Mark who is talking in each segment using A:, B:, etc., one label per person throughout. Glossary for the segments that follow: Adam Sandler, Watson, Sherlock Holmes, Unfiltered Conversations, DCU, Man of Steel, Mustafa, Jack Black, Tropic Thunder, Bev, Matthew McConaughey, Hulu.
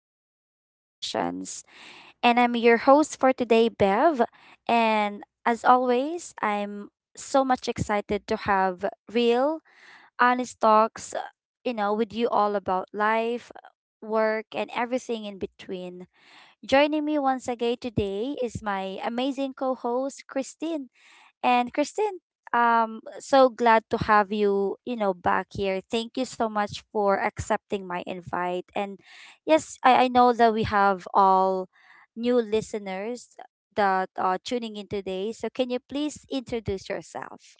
A: Unfiltered Conversations. And I'm your host for today, Bev. And as always, I'm so much excited to have real, honest talks, with you all about life, work, and everything in between. Joining me once again today is my amazing co host, Christine. And Christine, so glad to have you, back here. Thank you so much for accepting my invite. And yes, I know that we have all new listeners that are tuning in today. So can you please introduce yourself?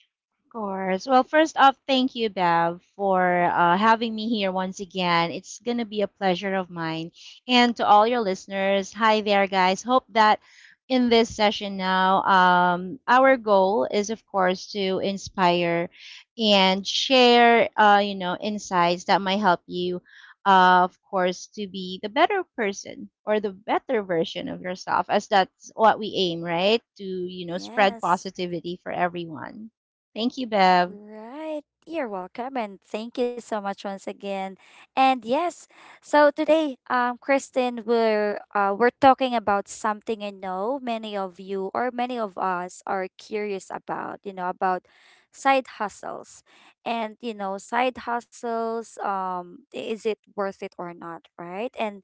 B: Course. Well, first off, thank you, Bev, for having me here once again. It's going to be a pleasure of mine. And to all your listeners, hi there, guys. Hope that in this session now, our goal is, of course, to inspire and share, insights that might help you, of course, to be the better person or the better version of yourself, as that's what we aim, right? To spread
A: Yes.
B: positivity for everyone. Thank you, Bev.
A: Right. You're welcome and thank you so much once again. And yes, so today, Kristen, we're talking about something I know many of you or many of us are curious about side hustles. And side hustles, is it worth it or not, right? And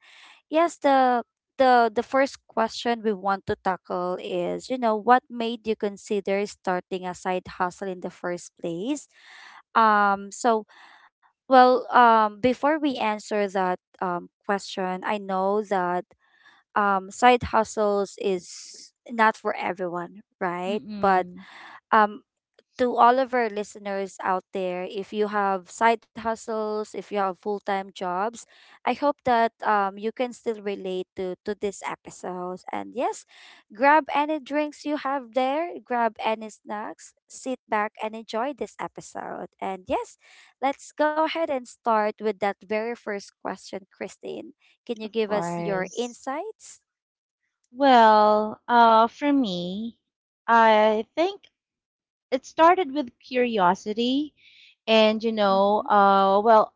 A: yes, the first question we want to tackle is, what made you consider starting a side hustle in the first place? Um, so well, before we answer that question, I know that side hustles is not for everyone, right? But
B: Mm-mm.
A: um to all of our listeners out there, if you have side hustles, if you have full time jobs, I hope that you can still relate to this episode. And yes, grab any drinks you have there, grab any snacks, sit back and enjoy this episode. And yes, let's go ahead and start with that very first question, Christine. Can
B: Of
A: you give us your
B: course.
A: insights?
B: Well, for me, I think it started with curiosity and, you know,
A: Mm-hmm.
B: uh, well,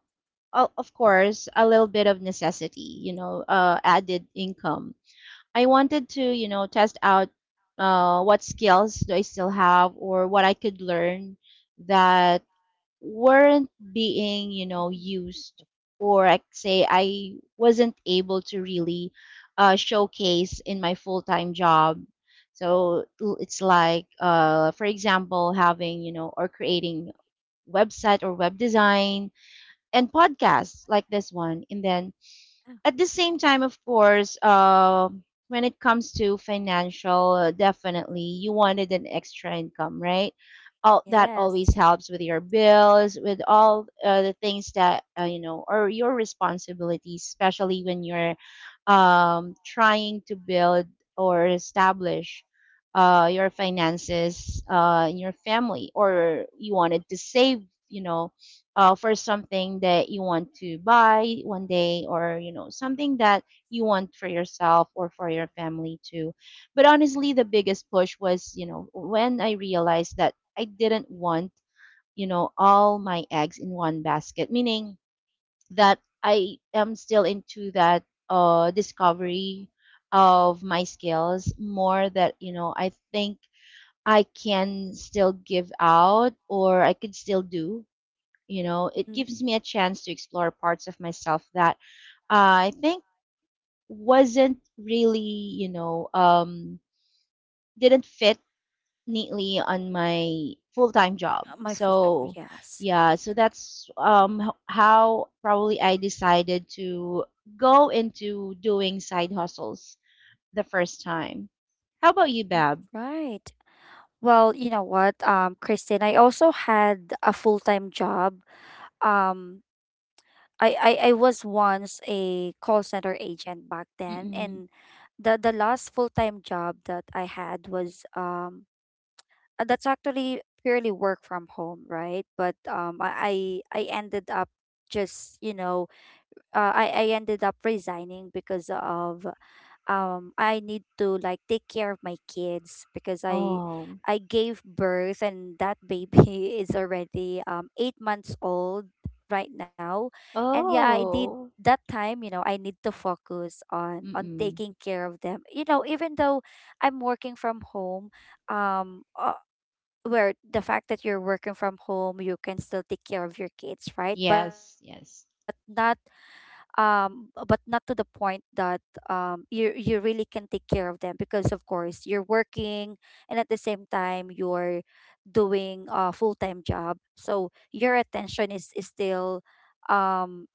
B: o- of course, a little bit of necessity, added income. I wanted to test out what skills do I still have or what I could learn that weren't being
A: Mhm.
B: used, or I could say I wasn't able to really showcase in my full time job. So it's like, for example, having or creating website or web design and podcasts like this one. And then
A: Yeah.
B: at the same time, of course, when it comes to financial, definitely you wanted an extra income, right? All that always
A: Yes.
B: helps with your bills, with all the things that are your responsibilities, especially when you're trying to build or establish your finances in your family, or you wanted to save, you know, for something that you want to buy one day, or something that you want for yourself or for your family too. But honestly, the biggest push was when I realized that I didn't want, all my eggs in one basket, meaning that I am still into that discovery of my skills. More that, I think I can still give out, or I could still do. It
A: Mhm.
B: gives me a chance to explore parts of myself that I think wasn't really, you know, um, didn't fit neatly on my full time job.
A: My full time,
B: So,
A: yes.
B: yeah, so that's how probably I decided to go into doing side hustles the first time. How about you,
A: Mm.
B: Bab?
A: Right. Well, you know what, Kristen, I also had a full-time job. Um, I was once a call center agent back then,
B: Mm-mm.
A: and the last full-time job that I had was that's actually purely work from home, right? But I ended up just I ended up resigning because of I need to like take care of my kids because I
B: Oh.
A: I gave birth and that baby is already 8 months old right now. And yeah, I did
B: Oh.
A: that time, I need to focus on
B: Mm-mm.
A: taking care of them. You know, even though I'm working from home, um uh, where the fact that you're working from home, you can still take care of your kids, right?
B: Yes, yes.
A: But not to the point that you really can take care of them because of course you're working and at the same time you're doing a full-time job, so your attention is still um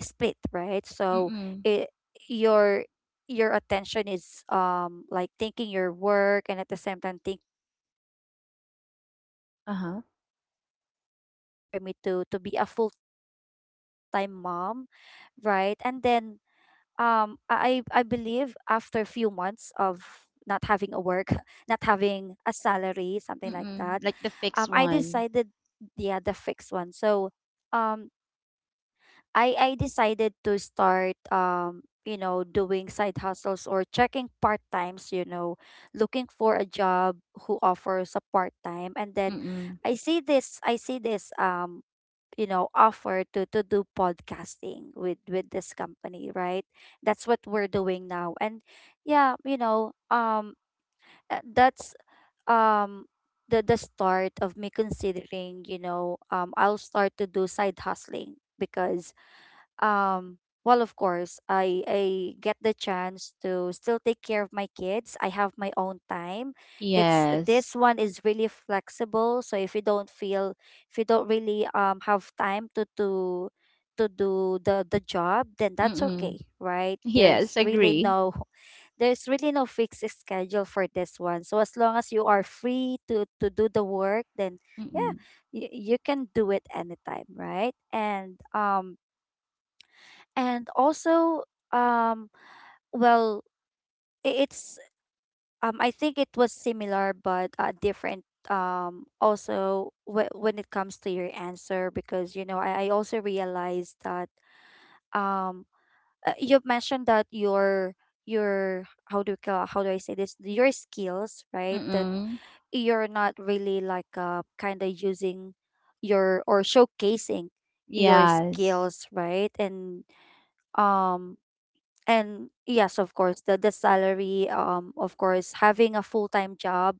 A: split, right. So
B: Mm-mm.
A: it your your attention is like thinking your work and at the same time thinking your family. So I just
B: Uh-huh.
A: ended up resigning just for me to be a full-time mom. Right. And then I believe after a few months of not having a work, not having a salary, something like that,
B: Mm-mm. Like the fixed
A: I
B: one.
A: decided, yeah, the fixed one. So um I decided to start doing side hustles or checking part times, looking for a job who offers a part time. And then
B: Mm-mm.
A: I see this offer to do podcasting with this company, right? That's what we're doing now. And yeah, that's um the start of me considering, I'll start to do side hustling. Because um well, of course I get the chance to still take care of my kids, I have my own time. It's, this
B: Yes.
A: one is really flexible. So if you don't feel, if you don't really have time to do the job, then that's okay,
B: Mm-mm.
A: right? There's
B: Yes,
A: really
B: agree.
A: no there's really no fixed schedule for this one. So as long as you are free to do the work, then yeah,
B: Mm-mm.
A: you can do it anytime, right? And and also, um well, it's, I think it was similar but different. Also, when it comes to your answer, because you know, I also realized that, um you've mentioned that your, how do you how do I say this, your skills, right, that
B: Mm-mm.
A: you're not really like kind of using your, or showcasing your
B: Yes.
A: skills, right? And um and yes, of course, the salary, of course having a full-time job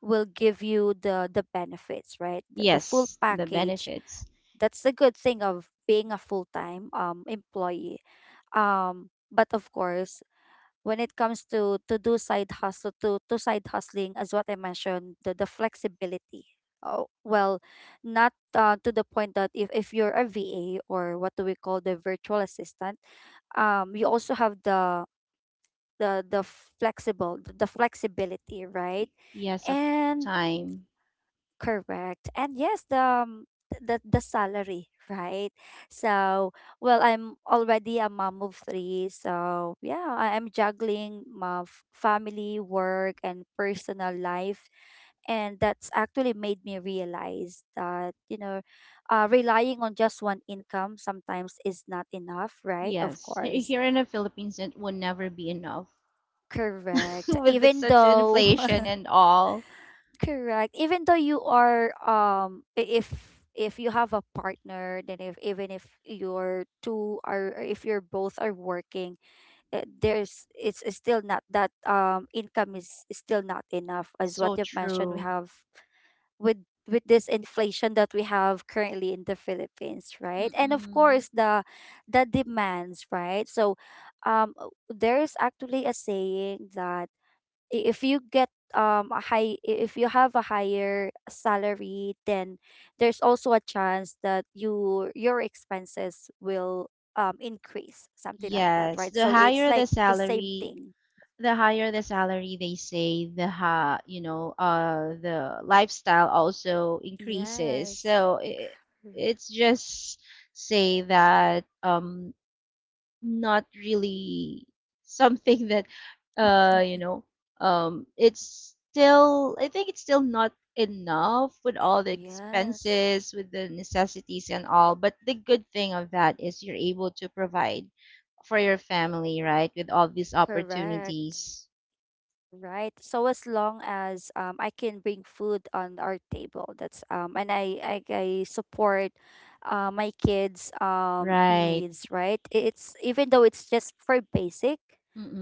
A: will give you the benefits, right, the full
B: Yes, the
A: package.
B: benefits.
A: That's the good thing of being a full-time employee. But of course, when it comes to do side hustle, to side hustling, as what I mentioned, the flexibility. Oh, well, not to the point that, if you're a VA, or what do we call, the virtual assistant. You also have the flexible, the flexibility, right?
B: Yes, of
A: And
B: time.
A: correct. And yes, the the salary, right. So, well, I'm already a mom of three, so yeah, I am juggling my family, work and personal life. And that's actually made me realize that, you know, relying on just one income sometimes is not enough, right? Of
B: Yes. He-
A: course.
B: Here in the Philippines, it will never be enough
A: Correct.
B: with
A: Even
B: such
A: though
B: inflation and all.
A: Correct. Even though you are if you have a partner, then if even if you're two are, or if you're both are working, there's, it's still not that, income is still not enough. As what
B: So
A: you've mentioned, we
B: true.
A: have with this inflation that we have currently in the Philippines, right? And of
B: Mm-mm.
A: course the demands, right? So, there is actually a saying that, if you get a high, if you have a higher salary, then there's also a chance that you, your expenses will increase, something like that,
B: Yes,
A: right?
B: the
A: So it's
B: higher the
A: like the same
B: salary,
A: thing.
B: the higher the salary they say, the ha you know the lifestyle also increases.
A: Yes.
B: So it's just say that not really something that uh you know it's still, I think it's still not enough with all the
A: Yes.
B: expenses, with the necessities and all. But the good thing of that is you're able to provide for your family, right, with all these
A: Correct.
B: opportunities.
A: Right. So as long as I can bring food on our table, that's and I support my kids'
B: Right.
A: needs, right. I- It's, even though it's just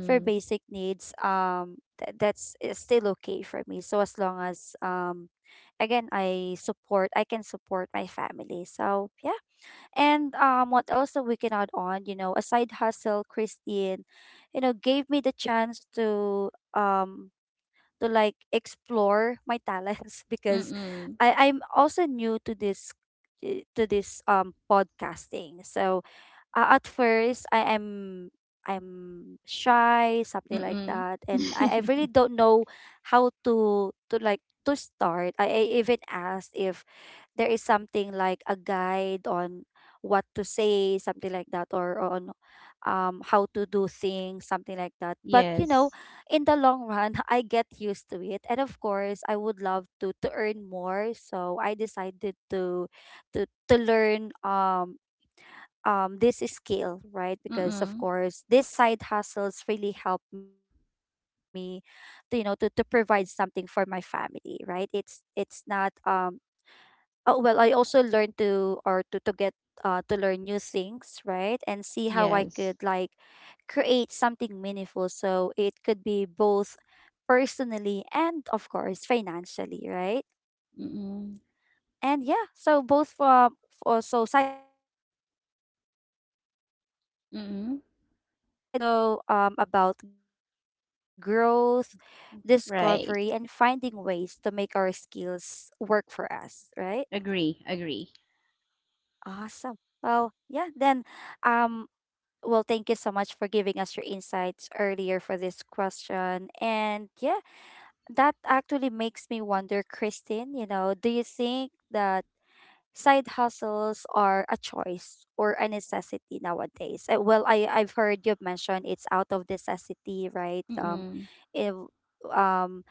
A: for basic needs, that's, it's still okay for me. So as long as, again, I support, I can support my family, so yeah. And what else that we can add on? You know, aside hustle, Christine, you know, gave me the chance um to like explore my talents. Because
B: Mm-mm.
A: I'm also new to this, to this podcasting. So at first I am, I'm shy, something like
B: Mm-mm.
A: that, and I really don't know how to like to start. I even asked if there is something like a guide on what to say, something like that, or on how to do things, something like that. But you
B: Yes.
A: know, in the long run, I get used to it. And of course, I would love to earn more. So I decided to learn this skill, right? Because of
B: Mm-mm.
A: course, these side hustles really help me to, you know, to provide something for my family, right? It's not Oh, well, I also learned to, or to get to learn new things, right? And see how I
B: Yes.
A: could like create something meaningful, so it could be both personally and of course financially, right?
B: Mm-mm.
A: And yeah, so both from, for, so side hustles are not just about only money,
B: Mm-mm.
A: right? They are also about growth,
B: Right.
A: discovery, and finding ways to make our skills work for us, right?
B: Agree. Agree.
A: Awesome. Well, yeah, then um well, thank you so much for giving us your insights earlier for this question. And yeah, that actually makes me wonder, Christine, you know, do you think that side hustles are a choice or a necessity nowadays? Well, I've heard you mention it's out of necessity, right?
B: Mm-mm.
A: If, um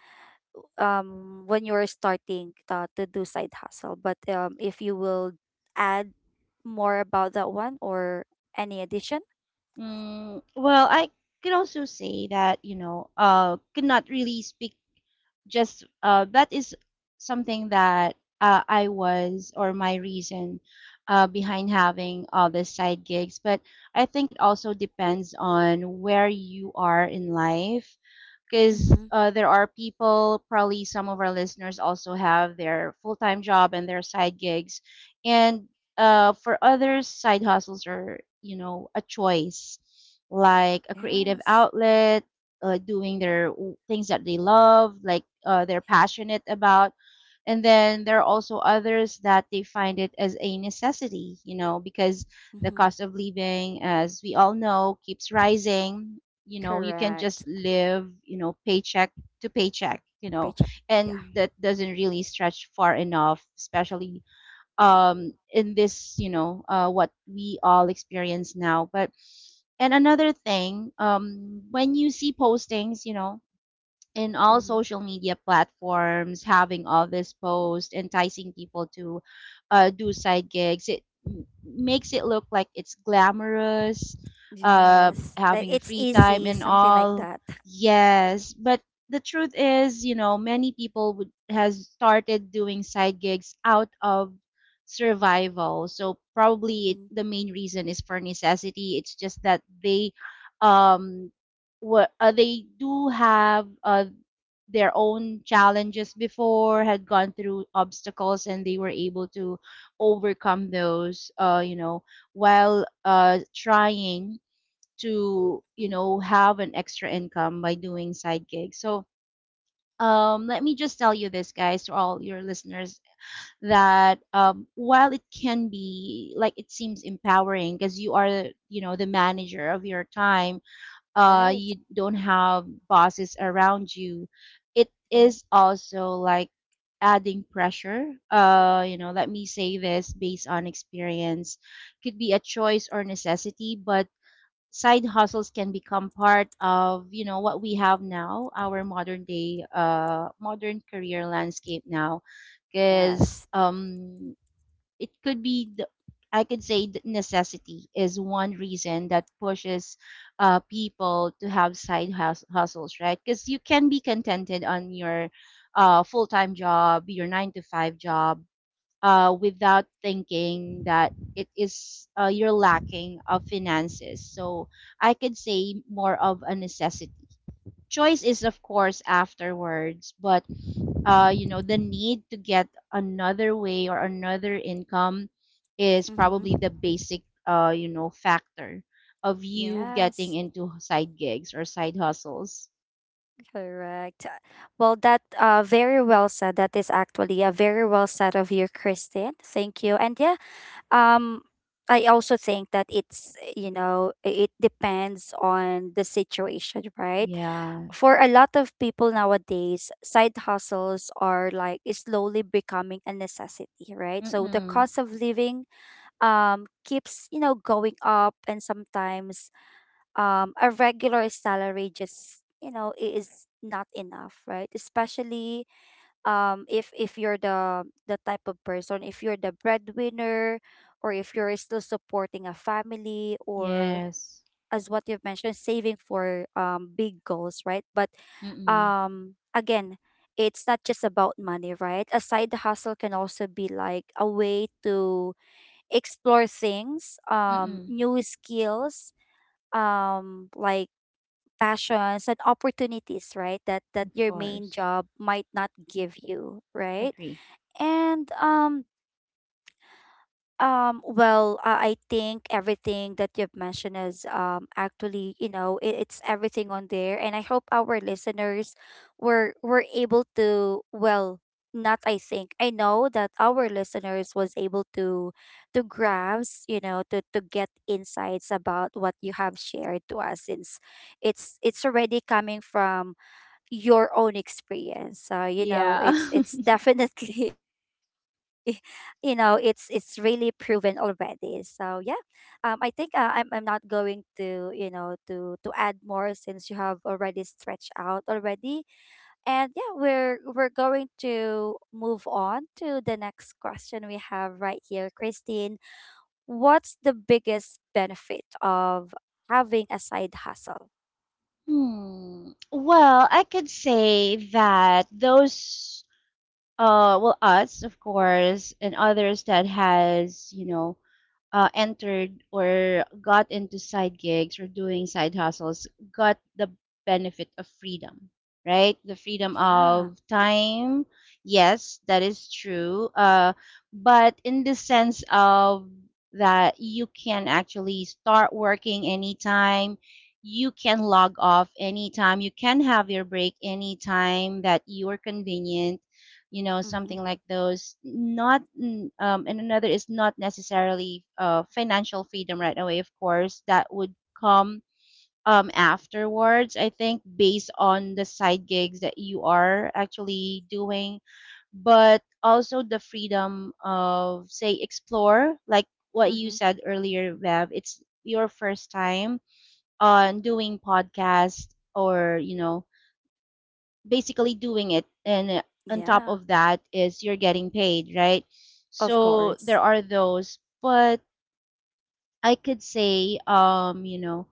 A: when you're starting to do side hustle, but if you will add more about that one, or any addition.
B: Mm, well, I could also say that, could not really speak just that is something that I was, or my reason behind having all the side gigs. But I think it also depends on where you are in life, because
A: Mm-hmm.
B: there are people, probably some of our listeners also have their full time job and their side gigs. And for others, side hustles are a choice, like a creative
A: Yes.
B: outlet, doing their things that they love, like they're passionate about. And then there are also others that they find it as a necessity, because the
A: Mm-hmm.
B: cost of living, as we all know, keeps rising. You can
A: Correct.
B: just live, paycheck to paycheck.
A: Paycheck. Yeah.
B: And that doesn't really stretch far enough, especially in this, what we all experience now. But, and another thing, when you see postings, in all
A: Mm-hmm.
B: social media platforms, having all this post enticing people to do side gigs, it makes it look like it's glamorous,
A: Yes, like
B: having a
A: it's
B: free time
A: easy,
B: and
A: something like
B: all.
A: that.
B: Yes, but the truth is, you know, many people would has started doing side gigs out of survival. So probably it,
A: Mm-hmm.
B: the main reason is for necessity. It's just that they um what they do have their own challenges before, had gone through obstacles, and they were able to overcome those, while trying to, you
A: Mm-hmm.
B: know, have an extra income by doing side gigs. So, let me just tell you this, guys, to all your listeners, that while it can be like it seems empowering because you are, you know, the manager of your time,
A: Right.
B: you don't have bosses around you, it
A: Mm-hmm.
B: is also like adding pressure. You know, let me say this based on experience. Could be a choice or necessity, but side hustles can become part of, you know, what we have now, our modern day, modern career landscape now. Because
A: Yes.
B: it could be the, I could say that necessity is one reason that pushes people to have hustles, right? Because you can be contented on your full time job, your nine to five job, without thinking that it is you're lacking of finances. So I could say more of a necessity. Choice is, of course, afterwards, but you know, the need to get another way or another income is
A: Mm-hmm.
B: probably the basic, you know, factor of you getting
A: Yes.
B: into side gigs or side hustles.
A: Correct. Well, that very well said. That is actually a very well said of you, Kristen. Thank you. And yeah, Um, I also think that it's, you know, it depends on the situation, right?
B: Yeah.
A: For a lot of people nowadays, side hustles are, like, is slowly becoming a necessity, right? So the
B: Mm-mm.
A: cost of living keeps, you know, going up, and sometimes a regular salary just, you know, is not enough, right? Especially if you're the type of person, if you're the breadwinner, or if you're still supporting a family, or
B: Yes.
A: as what you've mentioned, saving for big goals, right? But
B: Mm-mm.
A: again, it's not just about money, right? A side hustle can also be like a way to explore things,
B: Mm-mm.
A: new skills, like passions and opportunities, right? That
B: Of
A: your main
B: course.
A: job might not give you, right?
B: Agree.
A: And I think everything that you've mentioned is actually, it's everything on there. And I hope our listeners were able to, well, not, I think I know that our listeners was able to grasp, to get insights about what you have shared to us, since it's already coming from your own experience. So,
B: Yeah.
A: it's definitely it's really proven already. So yeah, I think I'm not going to, to add more, since you have already stretched out already. And yeah, we're going to move on to the next question we have right here, Christine. What's the biggest benefit of having a side hustle?
B: Hmm. Well, I could
A: Hmm.
B: say that those well, us, of course, and others that has, you know, entered or got into side gigs or doing side hustles got the benefit of freedom, right? The freedom
A: Yeah.
B: of time. Yes, that is true. But in the sense of that you can actually start working anytime, you can log off anytime, you can have your break anytime that you are convenient, you know,
A: Mm-hmm.
B: something like those. Not and another is not necessarily financial freedom right away. Of course, that would come afterwards, I think, based on the side gigs that you are actually doing. But also the freedom of, say, explore, like what you
A: Mm-hmm.
B: said earlier, Bev. It's your first time on doing podcast, or, you know, basically doing it, and on top
A: Yeah.
B: of that is you're getting paid, right?
A: Of
B: So there
A: course.
B: are those. But I could say,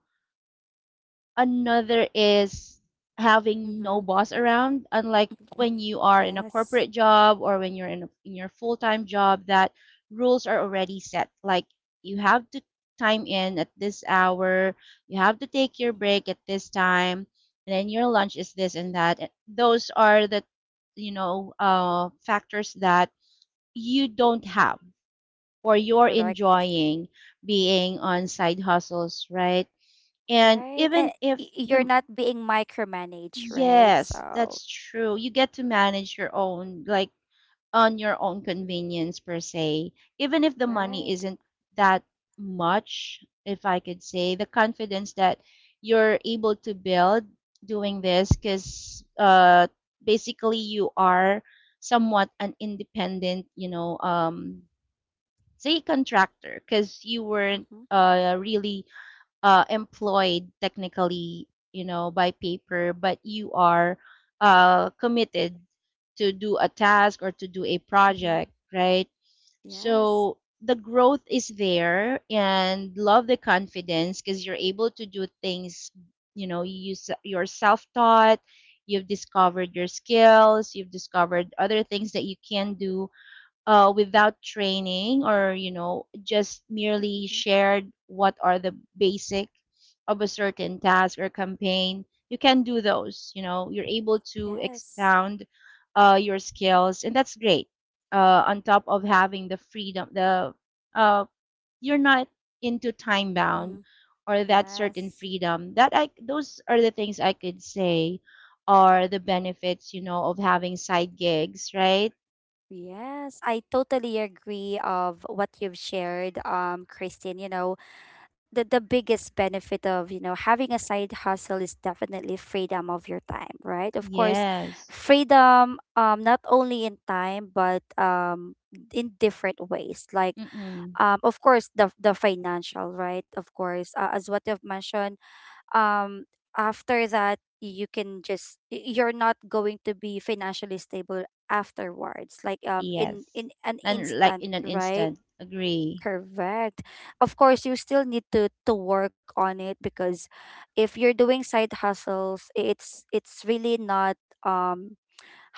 B: another is having
A: Mm-hmm.
B: no boss around, unlike when you are in a
A: Yes.
B: corporate job, or when you're in, a, in your full-time job, that rules are already set. Like, you have to time in at this hour, you have to take your
A: Mm-hmm.
B: break at this time, and then your lunch is this and that. And those are the, you know, factors that you don't have, or you're
A: Correct.
B: enjoying being on side hustles, right? And
A: Right. And
B: even if
A: you're
B: the,
A: not being micromanaged, right?
B: yes,
A: So,
B: that's true. You get to manage your own, like, on your own convenience per se. Even if the money
A: right.
B: isn't that much, if I could say, the confidence that you're able to build doing this, because basically you are somewhat an independent, you know, say contractor, because you weren't
A: Mm-hmm.
B: really employed technically, you know, by paper, but you are committed to do a task or to do a
A: Mm-hmm.
B: project, right?
A: Yes.
B: So the growth is there, and love the confidence, because you're able to do things, you know, you, you're self taught, you've discovered your skills, you've discovered other things that you can do without training, or you know, just merely
A: Mm-hmm.
B: shared what are the basic of a certain task or campaign. You can do those, you know, you're able to
A: Yes.
B: expound your skills, and that's great. On top of having the freedom, the uh, you're not into time bound,
A: Mm-hmm.
B: or that certain
A: Yes.
B: freedom, that I, those are the things I could say are the benefits, you know, of having side gigs, right?
A: Yes, I totally agree of what you've shared, Christine. You know, the biggest benefit of having a side hustle is definitely freedom of your time, right? Of course,
B: Yes.
A: freedom, not only in time, but in different ways, like,
B: Mm-mm.
A: of course, the financial, right? Of course, as what you've mentioned, um after that you can just you're not going to be financially stable afterwards, like in
B: Yes.
A: in an
B: And like
A: instant,
B: in an
A: right?
B: instant. Agree.
A: Correct. Of course, you still need to work on it, because if you're doing side hustles, it's really not, um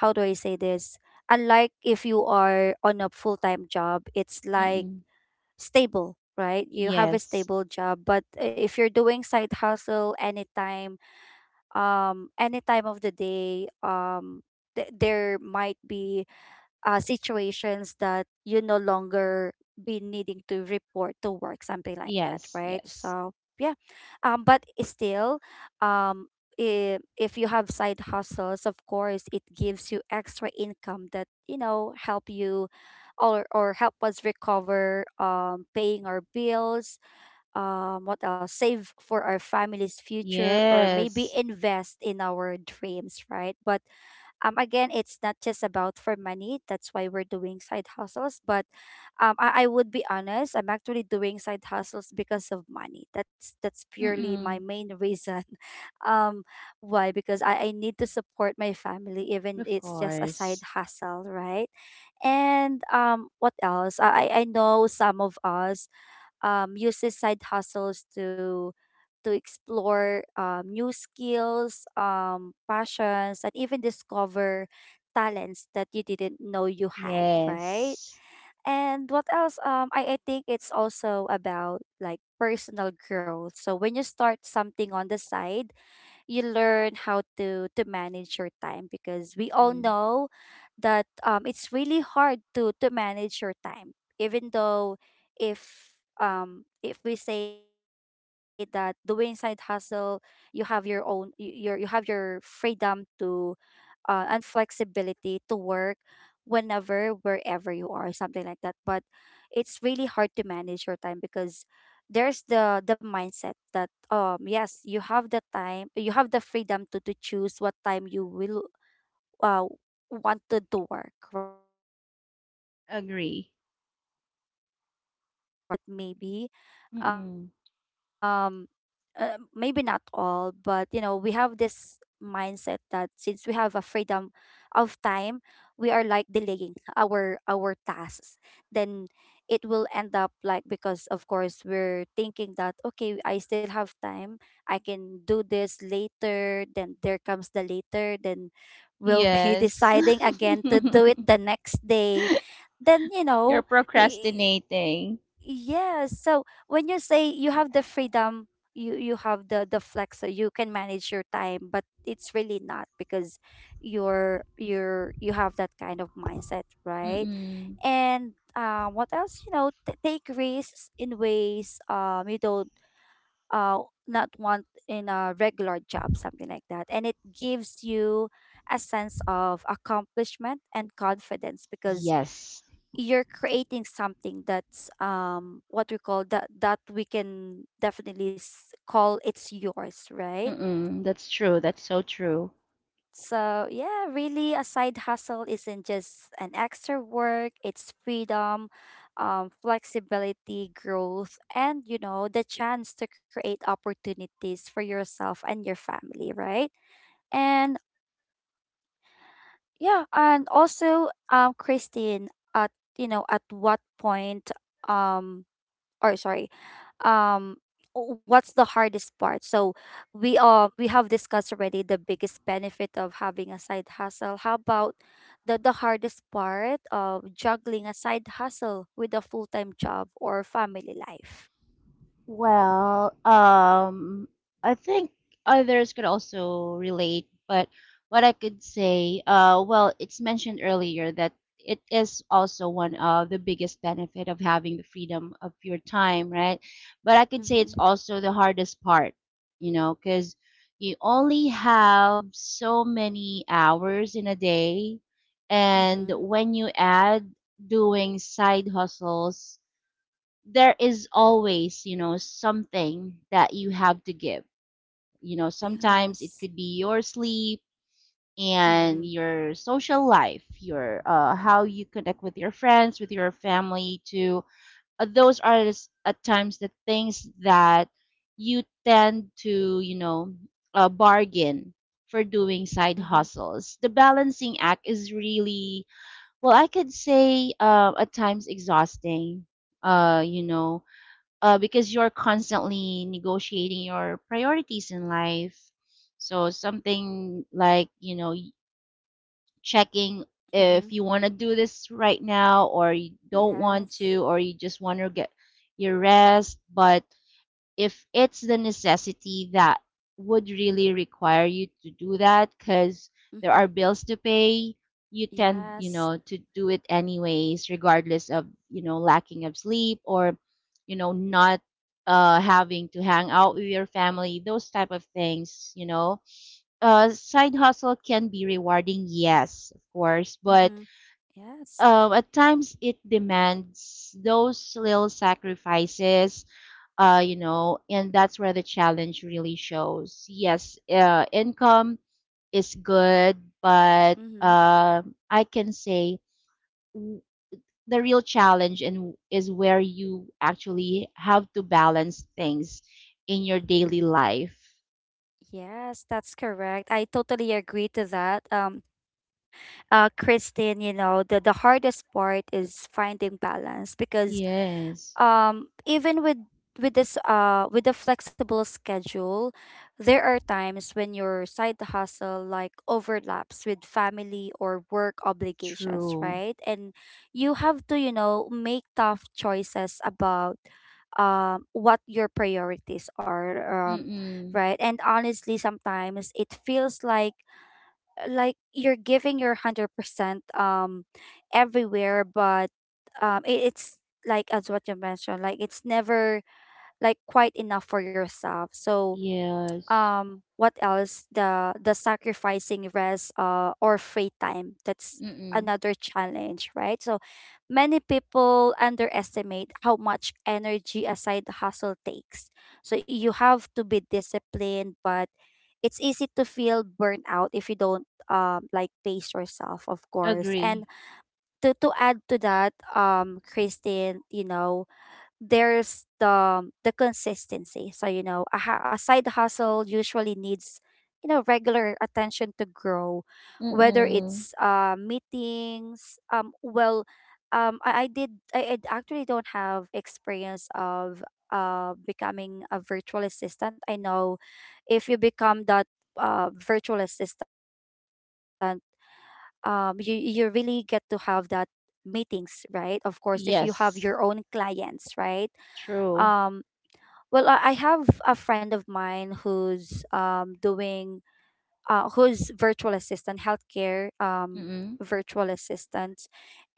A: how do I say this? Unlike if you are on a full-time job, it's like
B: Mm-mm.
A: stable, right? You have a
B: Yes.
A: stable job, but if you're doing side hustle anytime, any time of the day, there might be situations that you no longer be needing to report to work, something like that,
B: Yes.
A: right?
B: Yes.
A: So yeah, but still, um, if you have side hustles, of course, it gives you extra income that, help you, or help us recover, paying our bills, what else, save for our family's future, or maybe
B: Yes.
A: invest in our dreams, right? But again, it's not just about for money. That's why we're doing side hustles. But I would be honest. I'm actually doing side hustles because of money. That's purely my
B: Mm-mm.
A: main reason. Um, why? Because I need to support my family, even
B: Of
A: it's just a side
B: course.
A: hustle, right? And what else? I know some of us uses side hustles to explore, new skills, passions, and even discover talents that you didn't know you had, right?
B: Yes.
A: And what else? I think it's also about like personal growth. So when you start something on the side, you learn how to manage your time, because we all
B: Mm.
A: know that, it's really hard to manage your time, even though if if we say that doing side hustle, you have your own you have your freedom to, and flexibility to work whenever, wherever you are, something like that. But it's really hard to manage your time, because there's the mindset that, yes, you have the time, you have the freedom to choose what time you will, uh wanted to work, right? But we all
B: Agree.
A: Filipinos have this kind of mindset, maybe. um
B: Mm-mm.
A: Maybe not all, but you know, we have this mindset that since we have a freedom of time, we are like delaying our tasks. Then it will end up like, because of course, we're thinking that, okay, I still have time, I can do this later. Then there comes the later, then we'll be
B: Yes.
A: deciding again to do it the next day. Then,
B: You're
A: i-
B: procrastinating.
A: yes. So when you say you have the freedom, you have the flex, so you can manage your time, but it's really not, because you're you have that kind of mindset, right?
B: Mm-mm.
A: And what else? You know, take risks in ways, you don't, uh not want in a regular job, something like that, and it gives you a sense of accomplishment and confidence, because
B: Yes.
A: you're creating something that's, what we call, that we can definitely call it's yours, right?
B: Mm-mm. That's true. That's so true.
A: So yeah, really a side hustle isn't just an extra work. It's freedom, flexibility, growth, and, you know, the chance to create opportunities for yourself and your family, right? And yeah, and also, Christine, at you know, at what point, um or sorry, um what's the hardest part? So we have discussed already the biggest benefit of having a side hustle. How about the hardest part of juggling a side hustle with a full-time job or family life?
B: Well, I think others could also relate, but what I could say, well, it's mentioned earlier that it is also one of the biggest benefit of having the freedom of your time, right? But I could say it's
A: Mm-hmm.
B: also the hardest part, you know, because you only have so many hours in a day, and
A: Mm-hmm.
B: when you add doing side hustles, there is always, you know, something that you have to give. You know, sometimes it
A: Yes.
B: could be your sleep
A: Mm-hmm.
B: and your social life, your how you connect with your friends, with your family. To those are at times the things that you tend to, bargain for doing side
A: Mm-hmm.
B: hustles. The balancing act is really well, I could say at times exhausting. Uh, you know, because you're constantly negotiating your priorities in life. So something like checking
A: Mm-hmm.
B: if you want to do this right now or you don't want
A: Yes.
B: to or you just want to get your rest. But if it's the necessity that would really require you to do that because there
A: Mm-hmm.
B: are bills to pay, you tend, you
A: Yes.
B: know to do it anyways regardless of, you know, lacking of sleep or, you know, not having to hang out with your family, those type of things, you know. Side hustle can be rewarding, yes, of course, but
A: Mm-hmm. Yes.
B: at times it demands those little sacrifices. And that's where the challenge really shows. Yes, income is good, but
A: Mm-hmm.
B: I can say w- the real challenge and is where you actually have to balance things in your daily life.
A: Yes, that's correct. I totally agree to that. Christine, you know, the hardest part is finding balance, because,
B: Yes,
A: even with, this, with a flexible schedule, there are times when your side hustle like overlaps with family or work obligations,
B: true.
A: right? And you have to, you know, make tough choices about, what your priorities are,
B: Mm-mm.
A: right? And honestly, sometimes it feels like you're giving your 100% um everywhere, but it's like, as what you mentioned, like it's never like quite enough for yourself. So
B: Yes.
A: what else, the sacrificing rest, or free time, that's
B: Mm-mm.
A: another challenge, right? So many people underestimate how much energy aside the hustle takes, so you have to be disciplined, but it's easy to feel burnout if you don't, like pace yourself, of course. And
B: Agree.
A: to add to that, Christine, you know, there's the consistency. So you know, a side hustle usually needs, regular attention to grow, whether
B: Mm-mm.
A: it's meetings. I actually don't have experience of becoming a virtual assistant. I know, if you become that, virtual assistant, you really get to have that meetings, right? Of course, if you have your
B: Yes,
A: own clients, right?
B: true.
A: um I have a friend of mine who's doing, who's virtual assistant healthcare,
B: Mm-mm.
A: virtual assistant.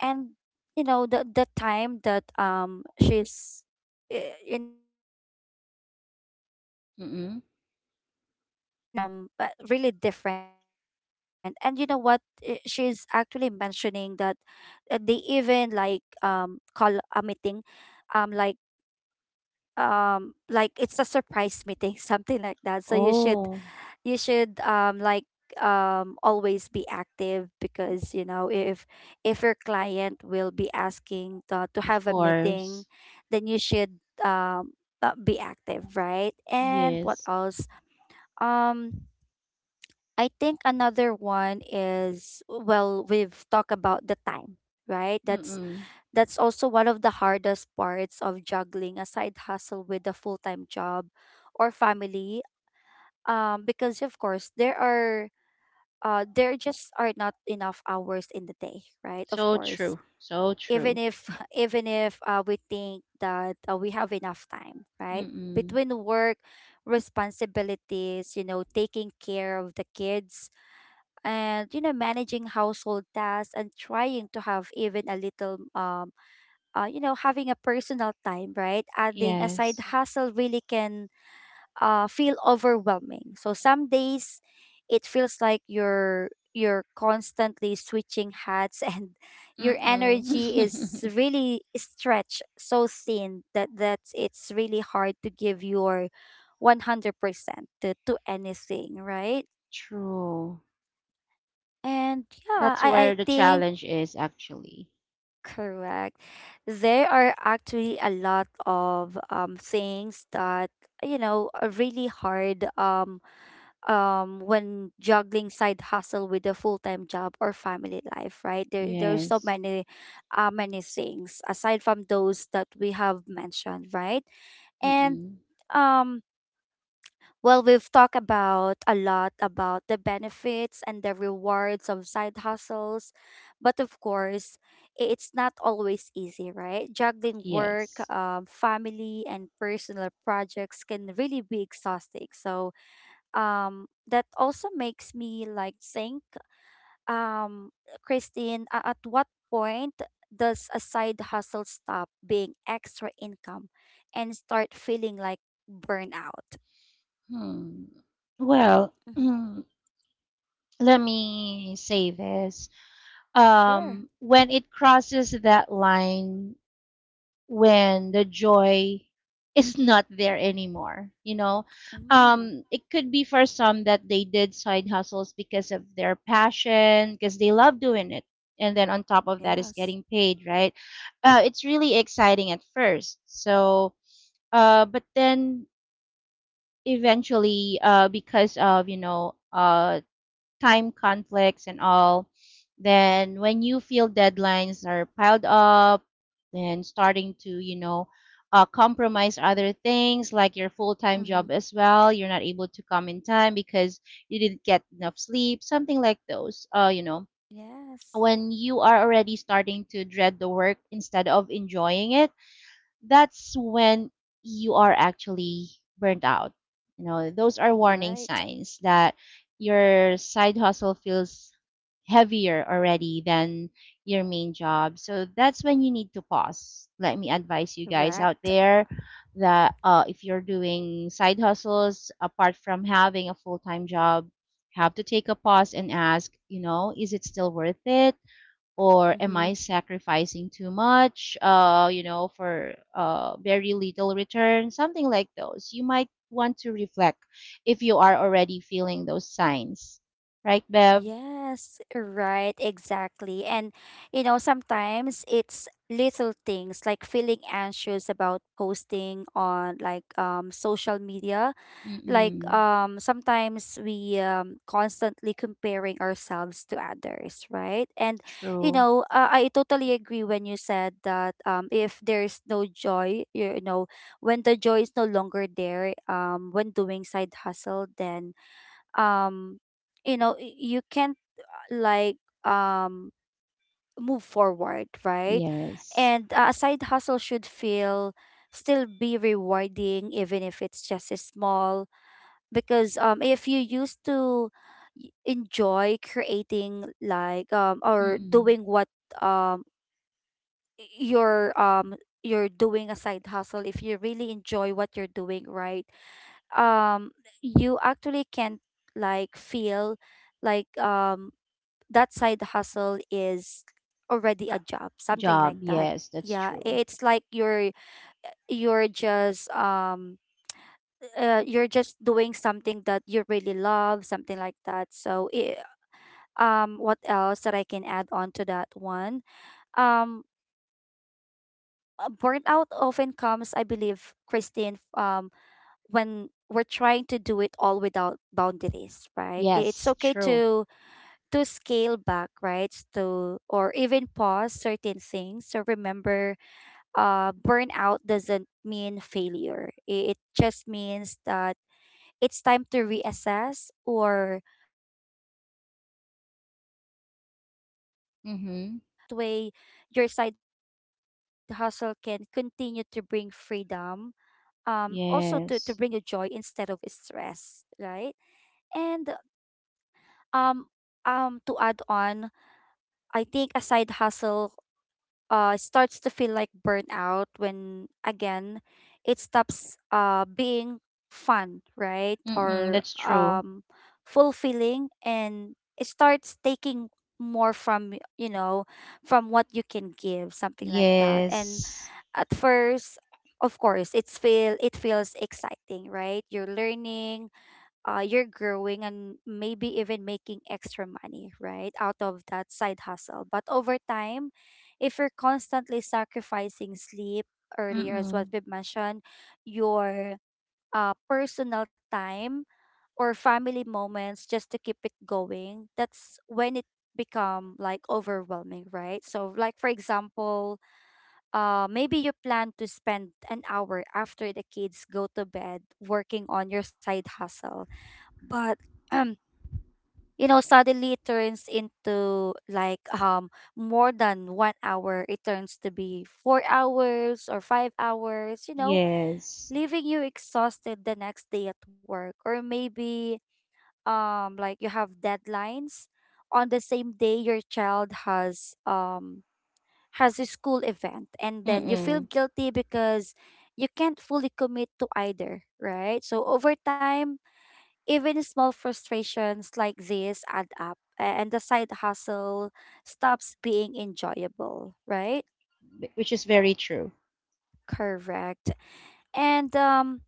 A: And you know, the time that, she's, you know, she spent, working
B: Mm-mm.
A: hours, is, really different. And you know what, she's actually mentioning that, they even like call a meeting, um like like it's a surprise meeting something like that. So you should,
B: Oh.
A: you should um like always be active, because you know, if your client will be asking the, to
B: Of
A: have a meeting,
B: course.
A: then you should, um be active, right? And what
B: Yes.
A: else? um I think another one is, well, we've talked about the time, right? that's
B: Mm-mm.
A: that's also one of the hardest parts of juggling a side hustle with a full-time job or family. Because of course there are, there just are not enough hours in the day, right? Of
B: So
A: course.
B: true. So
A: Even
B: true.
A: if even if, we think that, we have enough time, right?
B: Mm-mm.
A: Between work, responsibilities, you know, taking care of the kids, and you know, managing household tasks, and trying to have even a little, you know, having a personal time, right? Adding a side
B: Yes.
A: hustle really can, feel overwhelming. So some days it feels like you're constantly switching hats and your
B: Mm-mm.
A: energy is really stretched so thin that it's really hard to give your 100% to, anything, right?
B: True.
A: And yeah,
B: That's
A: I
B: where the
A: think.
B: challenge is actually.
A: Correct. There are actually a lot of things that, you know, are really hard, when juggling side hustle with a full-time job or family life, right? There are so
B: Yes.
A: many, many things aside from those that we have mentioned, right? And,
B: Mm-mm.
A: um we've talked about a lot about the benefits and the rewards of side hustles, but of course, it's not always easy, right? Juggling work,
B: Yes.
A: family, and personal projects can really be exhausting. So, that also makes me like think, um, Christine, at what point does a side hustle stop being extra income and start feeling like burnout?
B: Hmm. Well,
A: Mm-hmm.
B: hmm, let me say this.
A: Sure.
B: When it crosses that line, when the joy is not there anymore, you know,
A: Mm,
B: it could be for some that they did side hustles because of their passion, because they love doing it, and then on top of that is
A: yes.
B: getting paid, right? It's really exciting at first. So but then eventually, because of, you know, time conflicts and all. Then when you feel deadlines are piled up, then starting to, you know, compromise other things like your full-time
A: Mm-hmm.
B: job as well. You're not able to come in time because you didn't get enough sleep, something like those. You know,
A: Yes.
B: when you are already starting to dread the work instead of enjoying it, that's when you are actually burnt out. You know, those are warning
A: Right.
B: signs that your side hustle feels heavier already than your main job. So that's when you need to pause. Let me advise you guys out
A: Correct.
B: there that if you're doing side hustles apart from having a full time job, have to take a pause and ask, you know, is it still worth it? Or am
A: Mm-hmm.
B: I sacrificing too much, you know, for very little return, something like those. You might want to reflect if you are already feeling those signs, right, Bev?
A: Yes. Right. Exactly. And, you know, sometimes it's little things like feeling anxious about posting on like social media like
B: Mm-mm.
A: um sometimes we constantly comparing ourselves to others, right? And
B: True.
A: I totally agree when you said that if there's no joy when the joy is no longer there when doing side hustle then um you know you can't uh, like um move forward, right?
B: Yes.
A: And a side hustle should feel still be rewarding even if it's just a small, because if you used to enjoy creating or
B: Mm-mm.
A: doing what um y- you're um you're doing a side hustle if you really enjoy what you're doing, right? um you actually can like feel like um that side hustle is already
B: Uh,
A: a job, something
B: job.
A: like that.
B: Yes, that's
A: Yeah,
B: true.
A: it's like you're just um you're just doing something that you really love, something like that. So, it what else that I can add on to that one? Um, burnout often comes, I believe, Christine, when we're trying to do it all without boundaries, right? It's
B: Yes,
A: okay
B: true.
A: to scale back, right? To or even pause certain things. So remember, burnout doesn't mean failure. It just means that it's time to reassess or to adjust and to, to find a better
B: Mm-hmm.
A: balance. That way, your side hustle can continue to bring freedom, also to
B: Yes.
A: bring you joy instead of stress, right? And um, to add on, I think a side hustle starts to feel like burnout when again it stops being fun, right?
B: Mm-mm,
A: Or
B: that's true.
A: fulfilling, and it starts taking more from you know, from what you can give, something like that. And
B: Yes.
A: at first, of course, it feels exciting, right? You're learning, you're growing and maybe even making extra money, right, out of that side hustle. But over time, if you're constantly sacrificing sleep, earlier as what
B: Mm-mm.
A: we've mentioned, your personal time or family moments just to keep it going, that's when it become like overwhelming, right? So like for example, maybe you plan to spend an hour after the kids go to bed working on your side hustle. But you know, suddenly it turns into more than 1 hour, it turns to be 4 hours or 5 hours, you know,
B: Yes.
A: leaving you exhausted the next day at work, or maybe like you have deadlines on the same day your child has a school event, and then you feel
B: Mm-mm.
A: guilty because you can't fully commit to either, right? So over time, even small frustrations like this add up, and the side hustle stops being enjoyable, right?
B: Which is very true.
A: Correct. And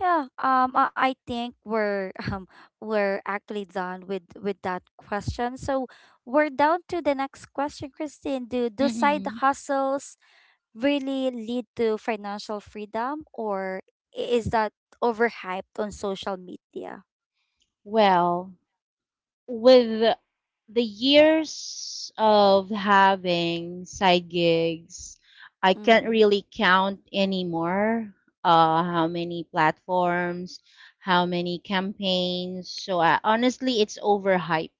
A: yeah, I think we're we're actually done with that question. So we're down to the next question, Christine. Do side
B: Mm-mm.
A: hustles really lead to financial freedom, or is that overhyped on social media?
B: Well, with the years of having side gigs, I can't
A: Mm-hmm.
B: really count anymore how many platforms, how many campaigns. So I, honestly, it's overhyped,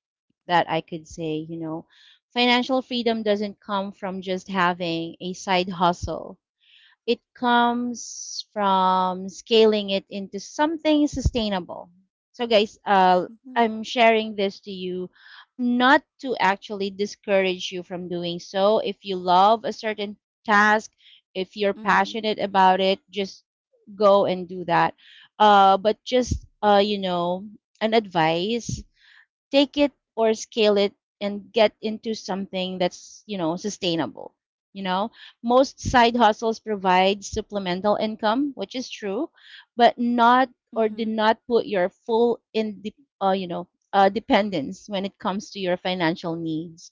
B: that I could say, you know, financial freedom doesn't come from just having a side hustle. It comes from scaling it into something sustainable. So, guys,
A: Mm-hmm.
B: I'm sharing this to you not to actually discourage you from doing so. If you love a certain task, if you're
A: Mm-hmm.
B: passionate about it, just go and do that. But just, you know, an advice, take it or scale it and get into something that's, you know, sustainable. You know, most side hustles provide supplemental income, which is true, but not, or do
A: Mm-hmm.
B: not put your full in, you know, dependence when it comes to your financial needs.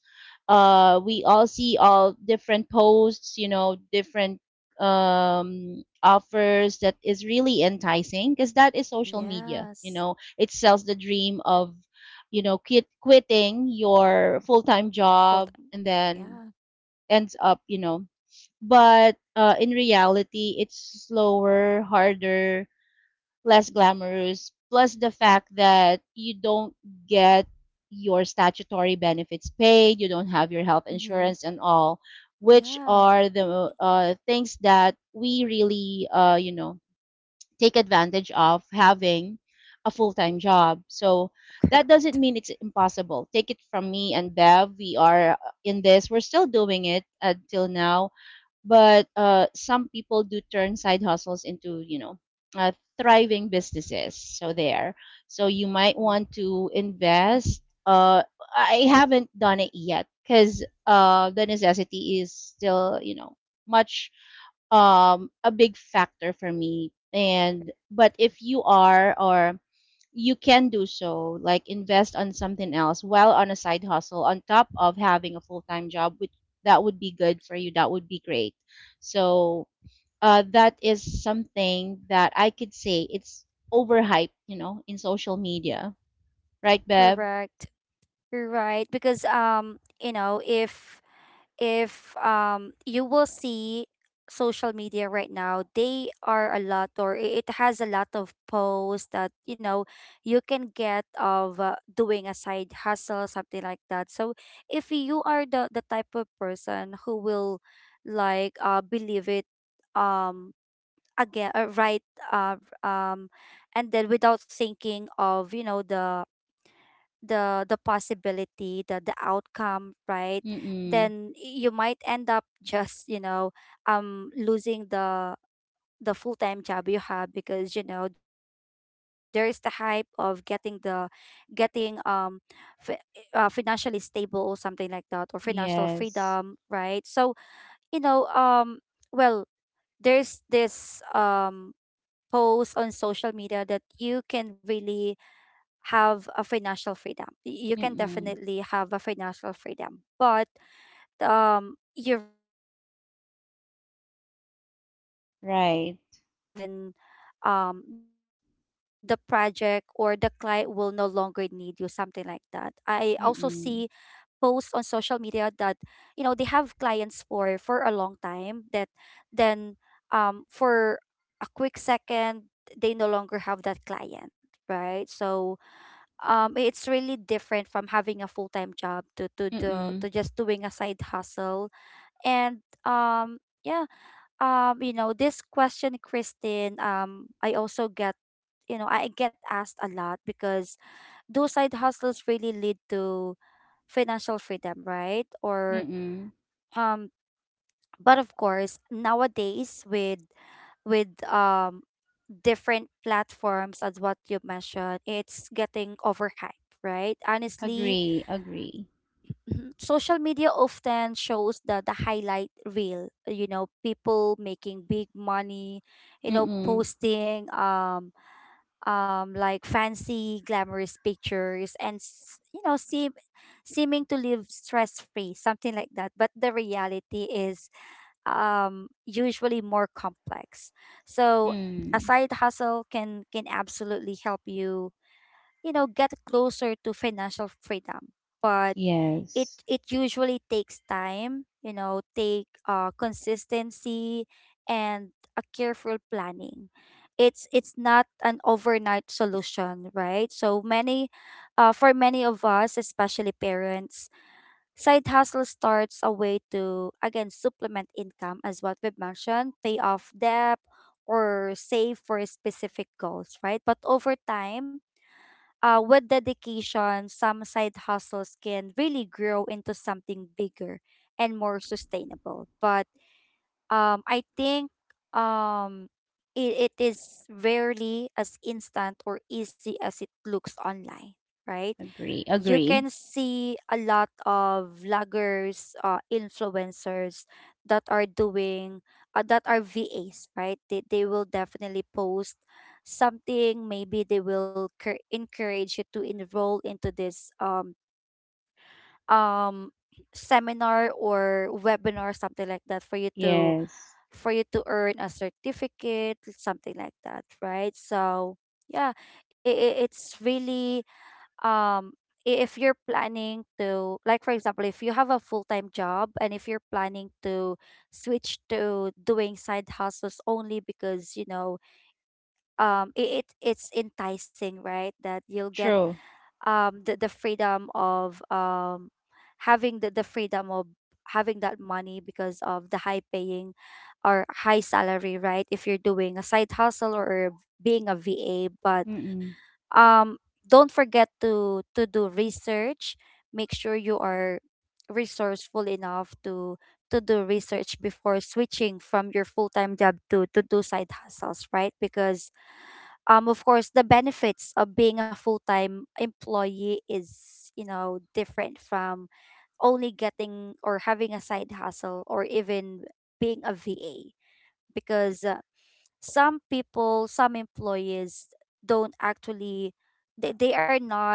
B: We all see all different posts, you know, different offers that is really enticing because that is social media. You
A: Yes.
B: know, it sells the dream of, you know, quitting your full-time
A: Full
B: job
A: time.
B: and then
A: Yeah.
B: ends up, you know, but in reality it's slower, harder, less glamorous, plus the fact that you don't get your statutory benefits paid, you don't have your health
A: Mm-hmm.
B: insurance and all, which
A: Yeah.
B: are the things that we really, you know, take advantage of having a full-time job. So
A: Correct.
B: that doesn't mean it's impossible. Take it from me and Bev, we are in this. We're still doing it until now, but some people do turn side hustles into, you know, uh, thriving businesses. So there. So you might
A: Mm.
B: want to invest. I haven't done it yet because the necessity is still, you know, much a big factor for me, and but if you are, or you can do so, like invest on something else while on a side hustle on top of having a full-time job, which that would be good for you, that would be great. So that is something that I could say it's overhyped, you know, in social media, right, Beb?
A: Correct. You're right, because you know, if if you will see social media right now, they are a lot, or it has a lot of posts that you know you can get of doing a side hustle, something like that. So if you are the type of person who will like believe it, um again right uh um and then without thinking of you know the possibility, the outcome, right?
B: Mm-mm.
A: Then you might end up just you know losing the full-time job you have, because you know there is the hype of getting the getting fi- financially stable or something like that, or financial
B: Yes.
A: freedom, right? So you know, well, there's this post on social media that you can really have a financial freedom. You can
B: Mm-mm.
A: definitely have a financial freedom, but you really don't know the time or the
B: Right.
A: day when the project or the client will no longer need you, something like that. I also
B: Mm-mm.
A: see posts on social media that you know they have clients for a long time, that then for a quick second they no longer have that client, right? So it's really different from having a full-time job to the
B: Mm-mm.
A: to just doing a side hustle. And yeah, you know, this question, Christine, I also get, you know, I get asked a lot, because do side hustles really lead to financial freedom, right? Or
B: Mm-mm.
A: um but of course nowadays with with um different platforms, as what you mentioned, it's getting overhyped, right, honestly?
B: Agree, agree.
A: Mhm. Social media often shows the highlight reel, you know, people making big money, you know,
B: Mm-mm.
A: posting like fancy glamorous pictures and you know, seem seeming to live stress free, something like that. But the reality is usually more complex. So a
B: Mm.
A: side hustle can absolutely help you, you know, get closer to financial freedom. But it
B: Yes.
A: it usually takes time, you know, take consistency and a careful planning. It's not an overnight solution, right? So many for many of us, especially parents, side hustle starts a way to again supplement income, as what we've mentioned, pay off debt or save for specific goals, right? But over time, with dedication, some side hustles can really grow into something bigger and more sustainable. But I think um, it, it is rarely as instant or easy as it looks online, right?
B: Agree,
A: You can
B: agree.
A: see a lot of vloggers, influencers that are doing that are VAs, right? They will definitely post something. Maybe they will encourage you to enroll into this um seminar or webinar, something like that, for you to
B: Yes.
A: earn a certificate, something like that, right? So yeah, it, it's really um if you're planning to, like for example, if you have a full-time job and if you're planning to switch to doing side hustles only because you know it, it it's enticing, right, that you'll get
B: True.
A: the freedom of having the freedom of having that money because of the high paying or high salary, right, if you're doing a side hustle or being a VA. But
B: Mm-mm.
A: um don't forget to do research, make sure you are resourceful enough to do research before switching from your full-time job to do side hustles, right? Because of course the benefits of being a full-time employee is you know different from only getting or having a side hustle, or even being a VA, because some people, some employees don't actually, they are not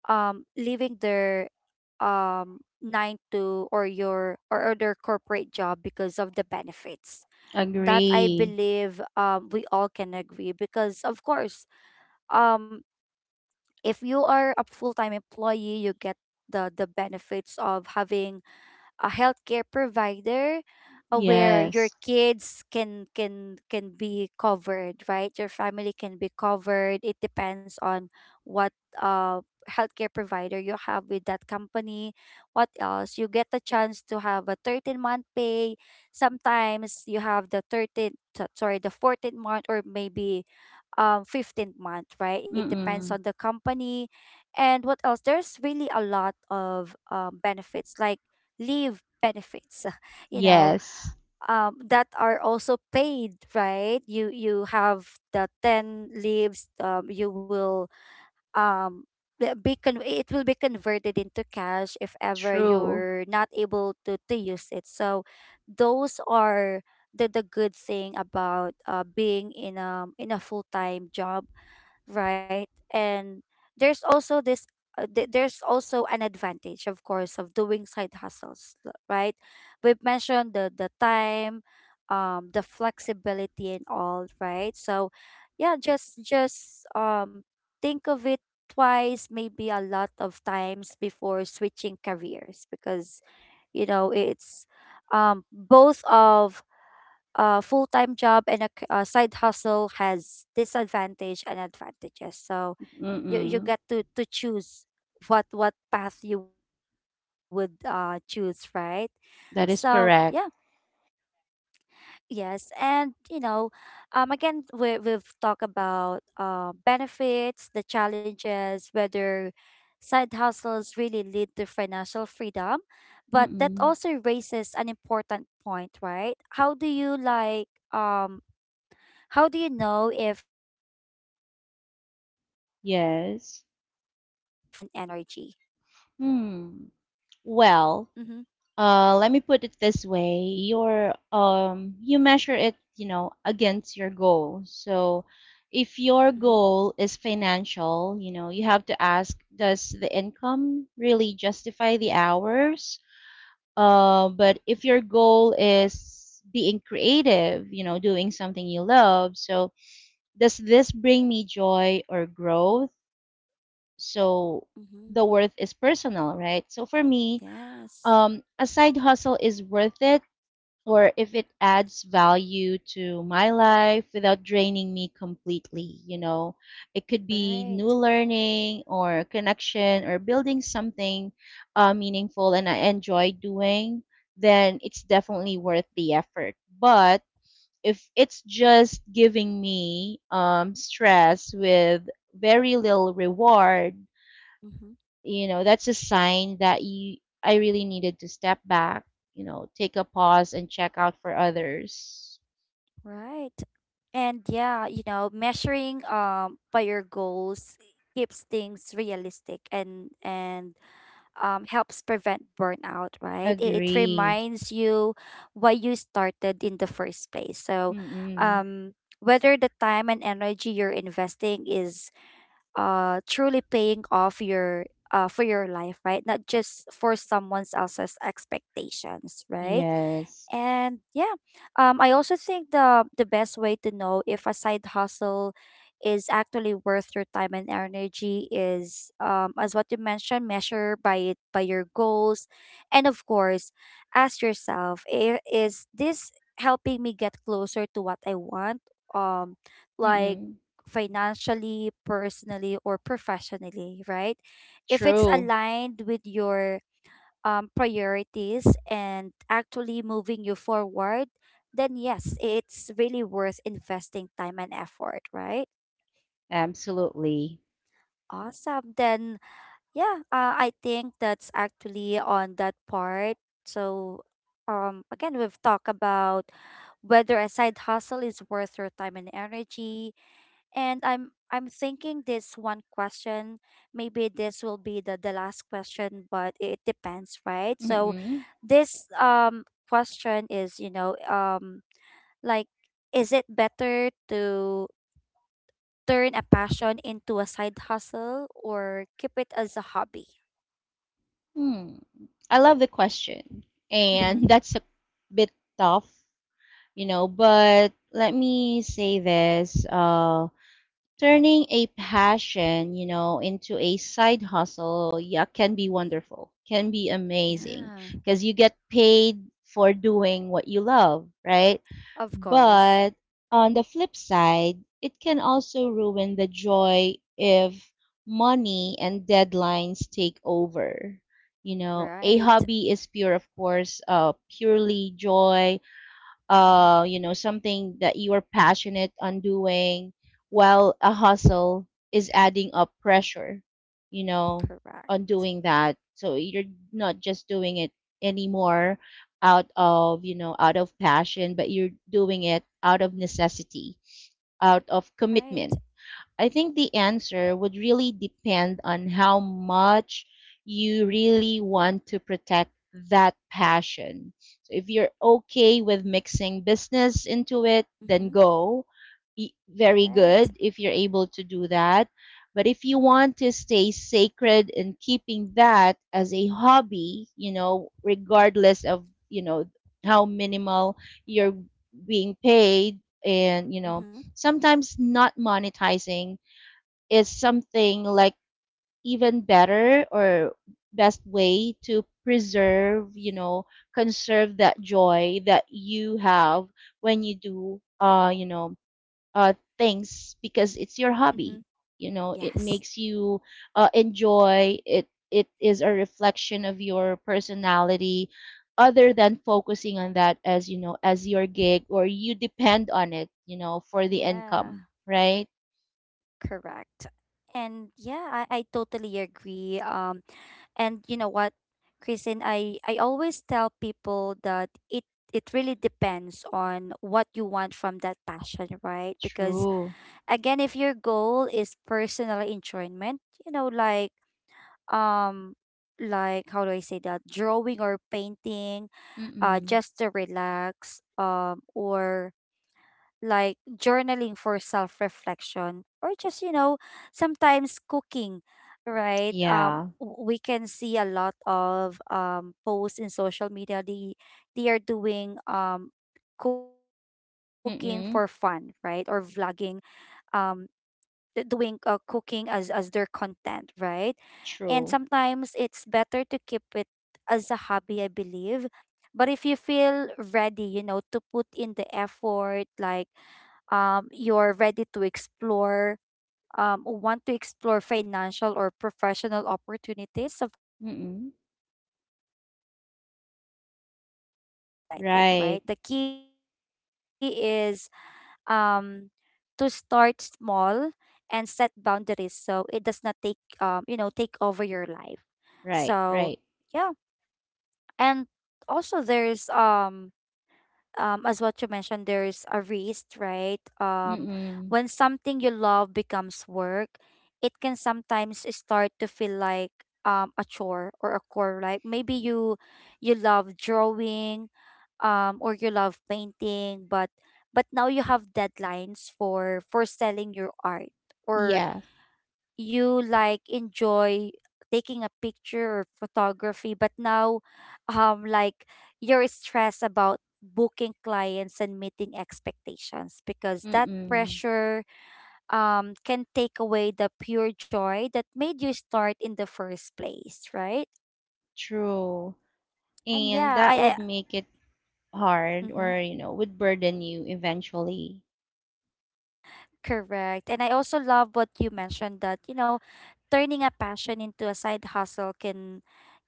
A: leaving their nine to, or your, or their corporate job because of the benefits. That I
B: Agree.
A: believe we all can agree, because of course um if you are a full time employee, you get the benefits of having a healthcare provider, where your
B: Yes.
A: kids can be covered, right? Your family can be covered, it depends on what uh healthcare provider you have with that company. What else, you get the chance to have a 13-month pay, sometimes you have the 13 so- sorry the 14th month, or maybe 15th month, right? It depends on
B: Mm-mm.
A: the company. And what else, there's really a lot of benefits, like leave benefits you know,
B: Yes.
A: that are also paid, right? You have the 10 leaves, you will um, it will be converted into cash if ever
B: True.
A: you're not able to use it. So those are the good thing about being in a full-time job, right? And there's also this there's also an advantage, of course, of doing side hustles, right? We've mentioned the time, the flexibility and all, right? So yeah, just think of it twice, maybe a lot of times, before switching careers because you know it's both of a full-time job and a side hustle has disadvantage and advantages. So you get
B: Mm-mm.
A: to choose what path you would choose, right? So yeah,
B: That is correct.
A: yes, and you know, again we we've talked about benefits, the challenges, whether side hustles really lead to financial freedom. But that
B: Mm-mm.
A: also raises an important point, right? How do you like um how do you know if a side hustle is actually
B: Yes.
A: worth your time and energy?
B: Hmm.
A: Mm-hmm,
B: Well, let me put it this way. Your you measure it, you know, against your goal. So if
A: mm-hmm,
B: your goal is financial, you know, you have to ask, does the income really justify the hours? But if your goal is being creative, you know, doing something you love, so does this bring me joy or growth? So the
A: mm-hmm.
B: worth is personal, right? So for me,
A: Yes,
B: a side hustle is worth it or if it adds value to my life without draining me completely. You know, it could be new
A: right.
B: learning or connection or building something meaningful and I enjoy doing, then it's definitely worth the effort. But if it's just giving me stress with very little reward,
A: Mm-hmm,
B: you know that's a sign that you, I really needed to step back. You know, take a pause and check out for others.
A: right. And yeah, you know, measuring by your goals keeps things realistic and helps prevent burnout, right? It
B: Agree.
A: reminds you why you started in the first place.
B: Mm-mm.
A: Um, Whether the time and energy you're investing is truly paying off your for your life, right? Not just for someone else's expectations, right?
B: Yes.
A: And yeah, I also think the best way to know if a side hustle is actually worth your time and energy is, as what you mentioned, measure by your goals, and of course, ask yourself, "Is this helping me get closer to what I want? Um, like
B: Mm-mm.
A: Financially, personally, or professionally, right? If it's
B: True.
A: aligned with your priorities and actually moving you forward, then yes, it's really worth investing time and effort, right?
B: Absolutely.
A: Awesome. I think that's actually on that part. So, Again, we've talked about whether a side hustle is worth your time and energy. And I'm thinking this one question, maybe this will be the last question, but it depends, right? So
B: Mm-mm.
A: this question is, you know, like is it better to turn a passion into a side hustle or keep it as a hobby?
B: Mm. I love the question and
A: Mhm.
B: that's a bit tough, you know, but let me say this. Turning a passion, you know, into a side hustle, yeah, can be wonderful, can be amazing
A: Yeah,
B: because you get paid for doing what you love, right?
A: of course.
B: But on the flip side, it can also ruin the joy if money and deadlines take over. You know, a
A: Right.
B: hobby is pure, of course, purely joy,
A: Hmm.
B: you know, something that you are passionate on doing, while a hustle is adding up pressure, you know, on
A: Correct.
B: doing that. So you're not just doing it anymore out of, you know, out of passion, but you're doing it out of necessity, out of
A: Right.
B: commitment. I think the answer would really depend on how much you really want to protect that passion. So if you're okay with mixing business into it, then
A: Mm-hmm.
B: go. Very
A: Right.
B: good if you're able to do that. But if you want to stay sacred in keeping that as a hobby, you know, regardless of, you know, how minimal you're being paid, and, you know,
A: Mm-hmm.
B: sometimes not monetizing is something like even better, or best way to preserve, you know, conserve that joy that you have when you do, you know, things because it's your
A: Mm-hmm.
B: hobby. You know, it
A: Yes.
B: makes you enjoy it. It is a reflection of your personality, other than focusing on that as, you know, as your gig or you depend on it, you know, for the
A: Yeah.
B: income, right?
A: Correct. And yeah, I totally agree. And you know what, Kristen, I always tell people that it really depends on what you want from that passion, right? Because
B: True.
A: again, if your goal is personal enjoyment, you know, um how do I say that? Drawing or painting,
B: Mm-mm.
A: just to relax, or like journaling for self reflection, or just, you know, sometimes cooking, right?
B: Yeah.
A: We can see a lot of posts in social media. They are doing, cooking for fun, right? Or
B: Mm-mm.
A: vlogging, um, doing, cooking as their content, right? And
B: True.
A: sometimes it's better to keep it as a hobby, I believe. But if you feel ready, you know, to put in the effort, like you're ready to explore, want to explore financial or professional opportunities, of
B: Mm-mm.
A: course, turning it into a side hustle can be
B: Right.
A: exciting, right? The key is, um, to start small and set boundaries so it does not take, you know, take over your life.
B: Right. Right.
A: So, yeah. And also, there's, as what you mentioned, there's a risk, right?
B: Mm-mm.
A: When something you love becomes work, it can sometimes start to feel like, a chore or a chore. Like maybe you love drawing, or you love painting, but now you have deadlines for selling your art, or
B: Yeah.
A: you like enjoy taking a picture or photography, but now, um like you're stressed about booking clients and meeting expectations, because that
B: Mm-mm.
A: pressure can take away the pure joy that made you start in the first place, right?
B: True.
A: and
B: And
A: yeah
B: that
A: i,
B: would make it
A: I
B: hard,
A: mhm.
B: or you know, would burden you eventually.
A: Correct. And I also love what you mentioned that, you know, turning a passion into a side hustle can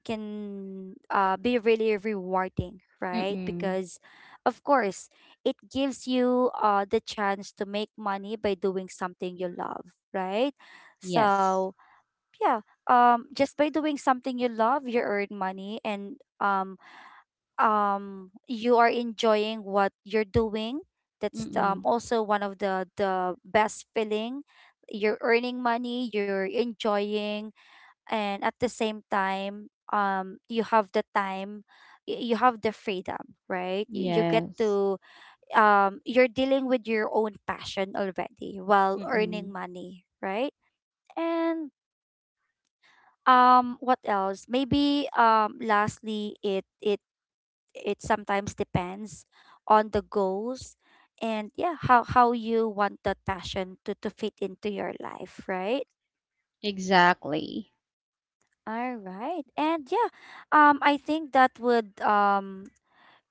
A: be really rewarding, right?
B: Mm-mm.
A: Because of course, it gives you, the chance to make money by doing something you love, right? So,
B: Yes.
A: yeah, just by doing something you love, you earn money, and you are enjoying what you're doing. That's,
B: Mm-mm.
A: also one of the best feeling. You're earning money, you're enjoying, and at the same time, you have the time, you have the freedom, right? You get
B: Yes.
A: to, you're dealing with your own passion already while earning
B: Mm-mm.
A: money, right? And what else? Maybe lastly, it sometimes depends on the goals. And yeah, how you want that passion to fit into your life, right?
B: Exactly.
A: All right. And yeah, I think that would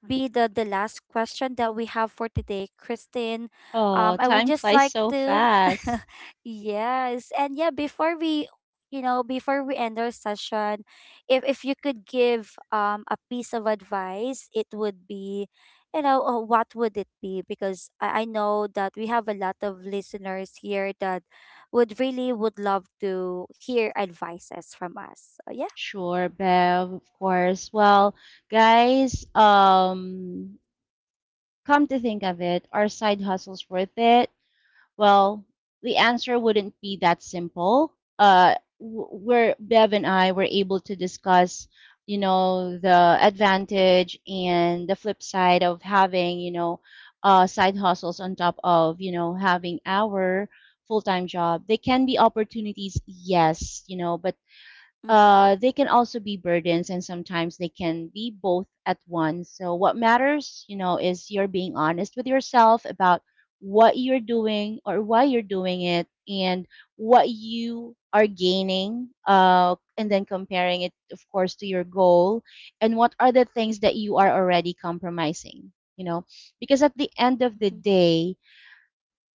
A: be the last question that we have for today, Christine.
B: Oh,
A: I would
B: time
A: just
B: flies
A: like
B: so
A: to,
B: fast.
A: yes, and yeah, before we, you know, before we end our session, if you could give a piece of advice, it would be, you know, what would it be? Because I know that we have a lot of listeners here that would love to hear advices from us. So yeah.
B: Sure, Bev, of course. Well, guys, come to think of it, are side hustles worth it? Well, the answer wouldn't be that simple. Where Bev and I were able to discuss, you know, the advantage and the flip side of having, you know, side hustles on top of, you know, having our full time job. They can be opportunities, yes, you know, but
A: Mm-hmm.
B: they can also be burdens, and sometimes they can be both at once. So what matters, you know, is you're being honest with yourself about what you're doing or why you're doing it, and what you are gaining, and then comparing it of course to your goal, and what are the things that you are already compromising, you know, because at the end of the
A: Mm-hmm.
B: day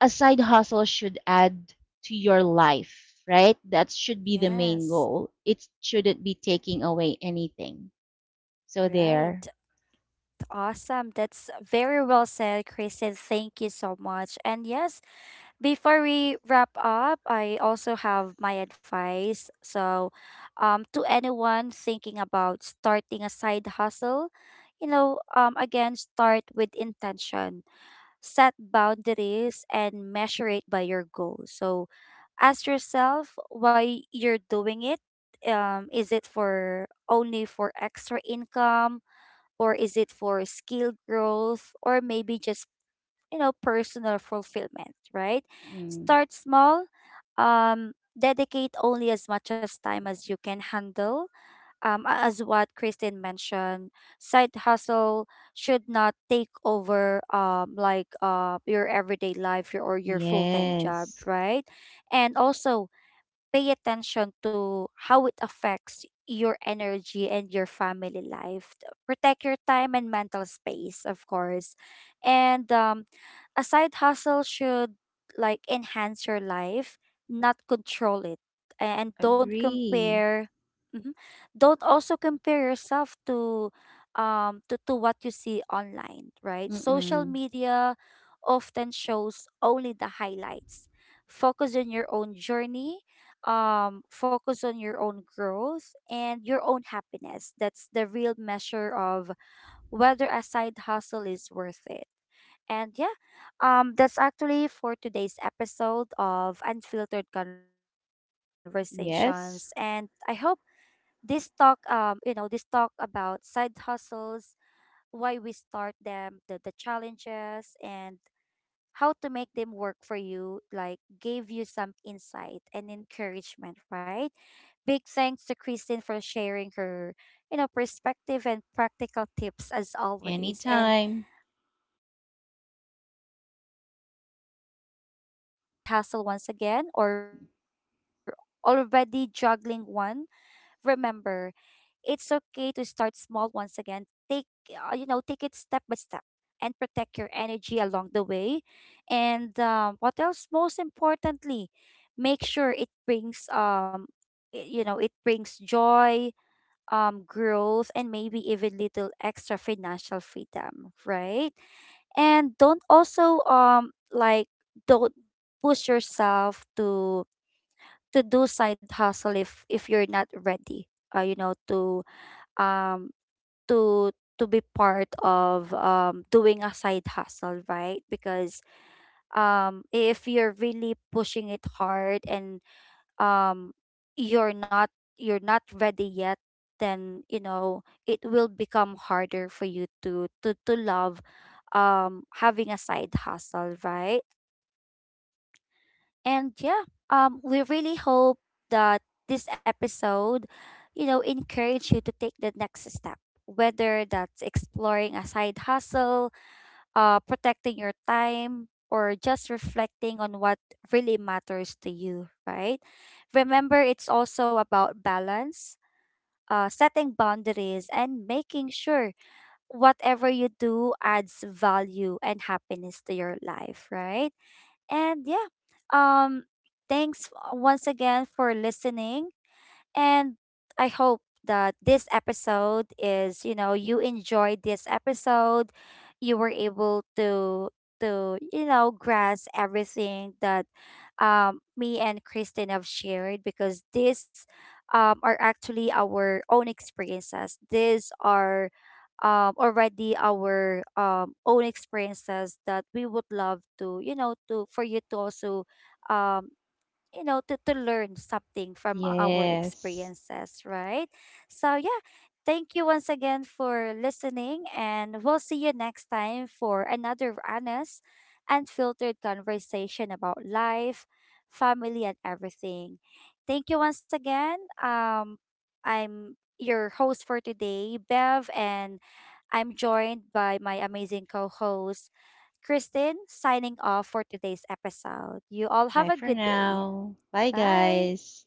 B: a side hustle should add to your life, right? That should be the main
A: Yes.
B: goal. It shouldn't be taking away anything. So
A: Right.
B: there.
A: Awesome. That's very well said, Kristen. Thank you so much. And yes, before we wrap up, I also have my advice. So, to anyone thinking about starting a side hustle, you know, again, start with intention, set boundaries, and measure it by your goals. So, ask yourself why you're doing it. Is it for only for extra income? Or is it for skill growth, or maybe just, you know, personal fulfillment, right?
B: Mm.
A: Start small, um dedicate only as much as time as you can handle, as what Kristen mentioned, side hustle should not take over, your everyday life, or your full-time job,
B: Yes.
A: right? And also, pay attention to how it affects your energy and your family life. Protect your time and mental space, of course. And a side hustle should like enhance your life, not control it. And don't
B: Agree.
A: compare. Mhm. Don't also compare yourself to, to what you see online, right? Social
B: Mm-mm.
A: media often shows only the highlights. Focus on your own journey, focus on your own growth and your own happiness. That's the real measure of whether a side hustle is worth it. And yeah, that's actually for today's episode of Unfiltered Conversations. And I hope
B: Yes.
A: this talk, you know, this talk about side hustles, why we start them, the challenges, and how to make them work for you, like gave you some insight and encouragement, right? Big thanks to Kristen for sharing her, you know, perspective and practical tips as always.
B: Anytime.
A: And right. And yes, if you're thinking of starting a side hustle once again, or already juggling one, remember, it's okay to start small once again. Take, you know, take it step by step and protect your energy along the way. And what else? Most importantly, make sure it brings, you know, it brings joy, growth, and maybe even little extra financial freedom, right? And don't also, don't push yourself to do side hustle, if you're not ready, you know, to um to to be part of, doing a side hustle, right? Because if you're really pushing it hard, and um you're not, you're not ready yet, then you know it will become harder for you to love having a side hustle, right? And yeah, we really hope that this episode, you know, encourage you to take the next step, whether that's exploring a side hustle, protecting your time, or just reflecting on what really matters to you, right? Remember, it's also about balance, setting boundaries, and making sure whatever you do adds value and happiness to your life, right? And yeah, um, thanks once again for listening. And I hope that this episode is, you know, you enjoyed this episode. You were able to you know, grasp everything that me and Kristen have shared, because these are actually our own experiences. These are already our own experiences that we would love to, you know, to for you to also um you know, to learn something from our
B: Yes.
A: experiences, right? So yeah, thank you once again for listening, and we'll see you next time for another honest, unfiltered conversation about life, family, and everything. Thank you once again. um I'm your host for today, Bev, and I'm joined by my amazing co-host Kristen, signing off for today's episode. You all have
B: Bye
A: a
B: for
A: good day.
B: now. Bye,
A: Bye.
B: guys.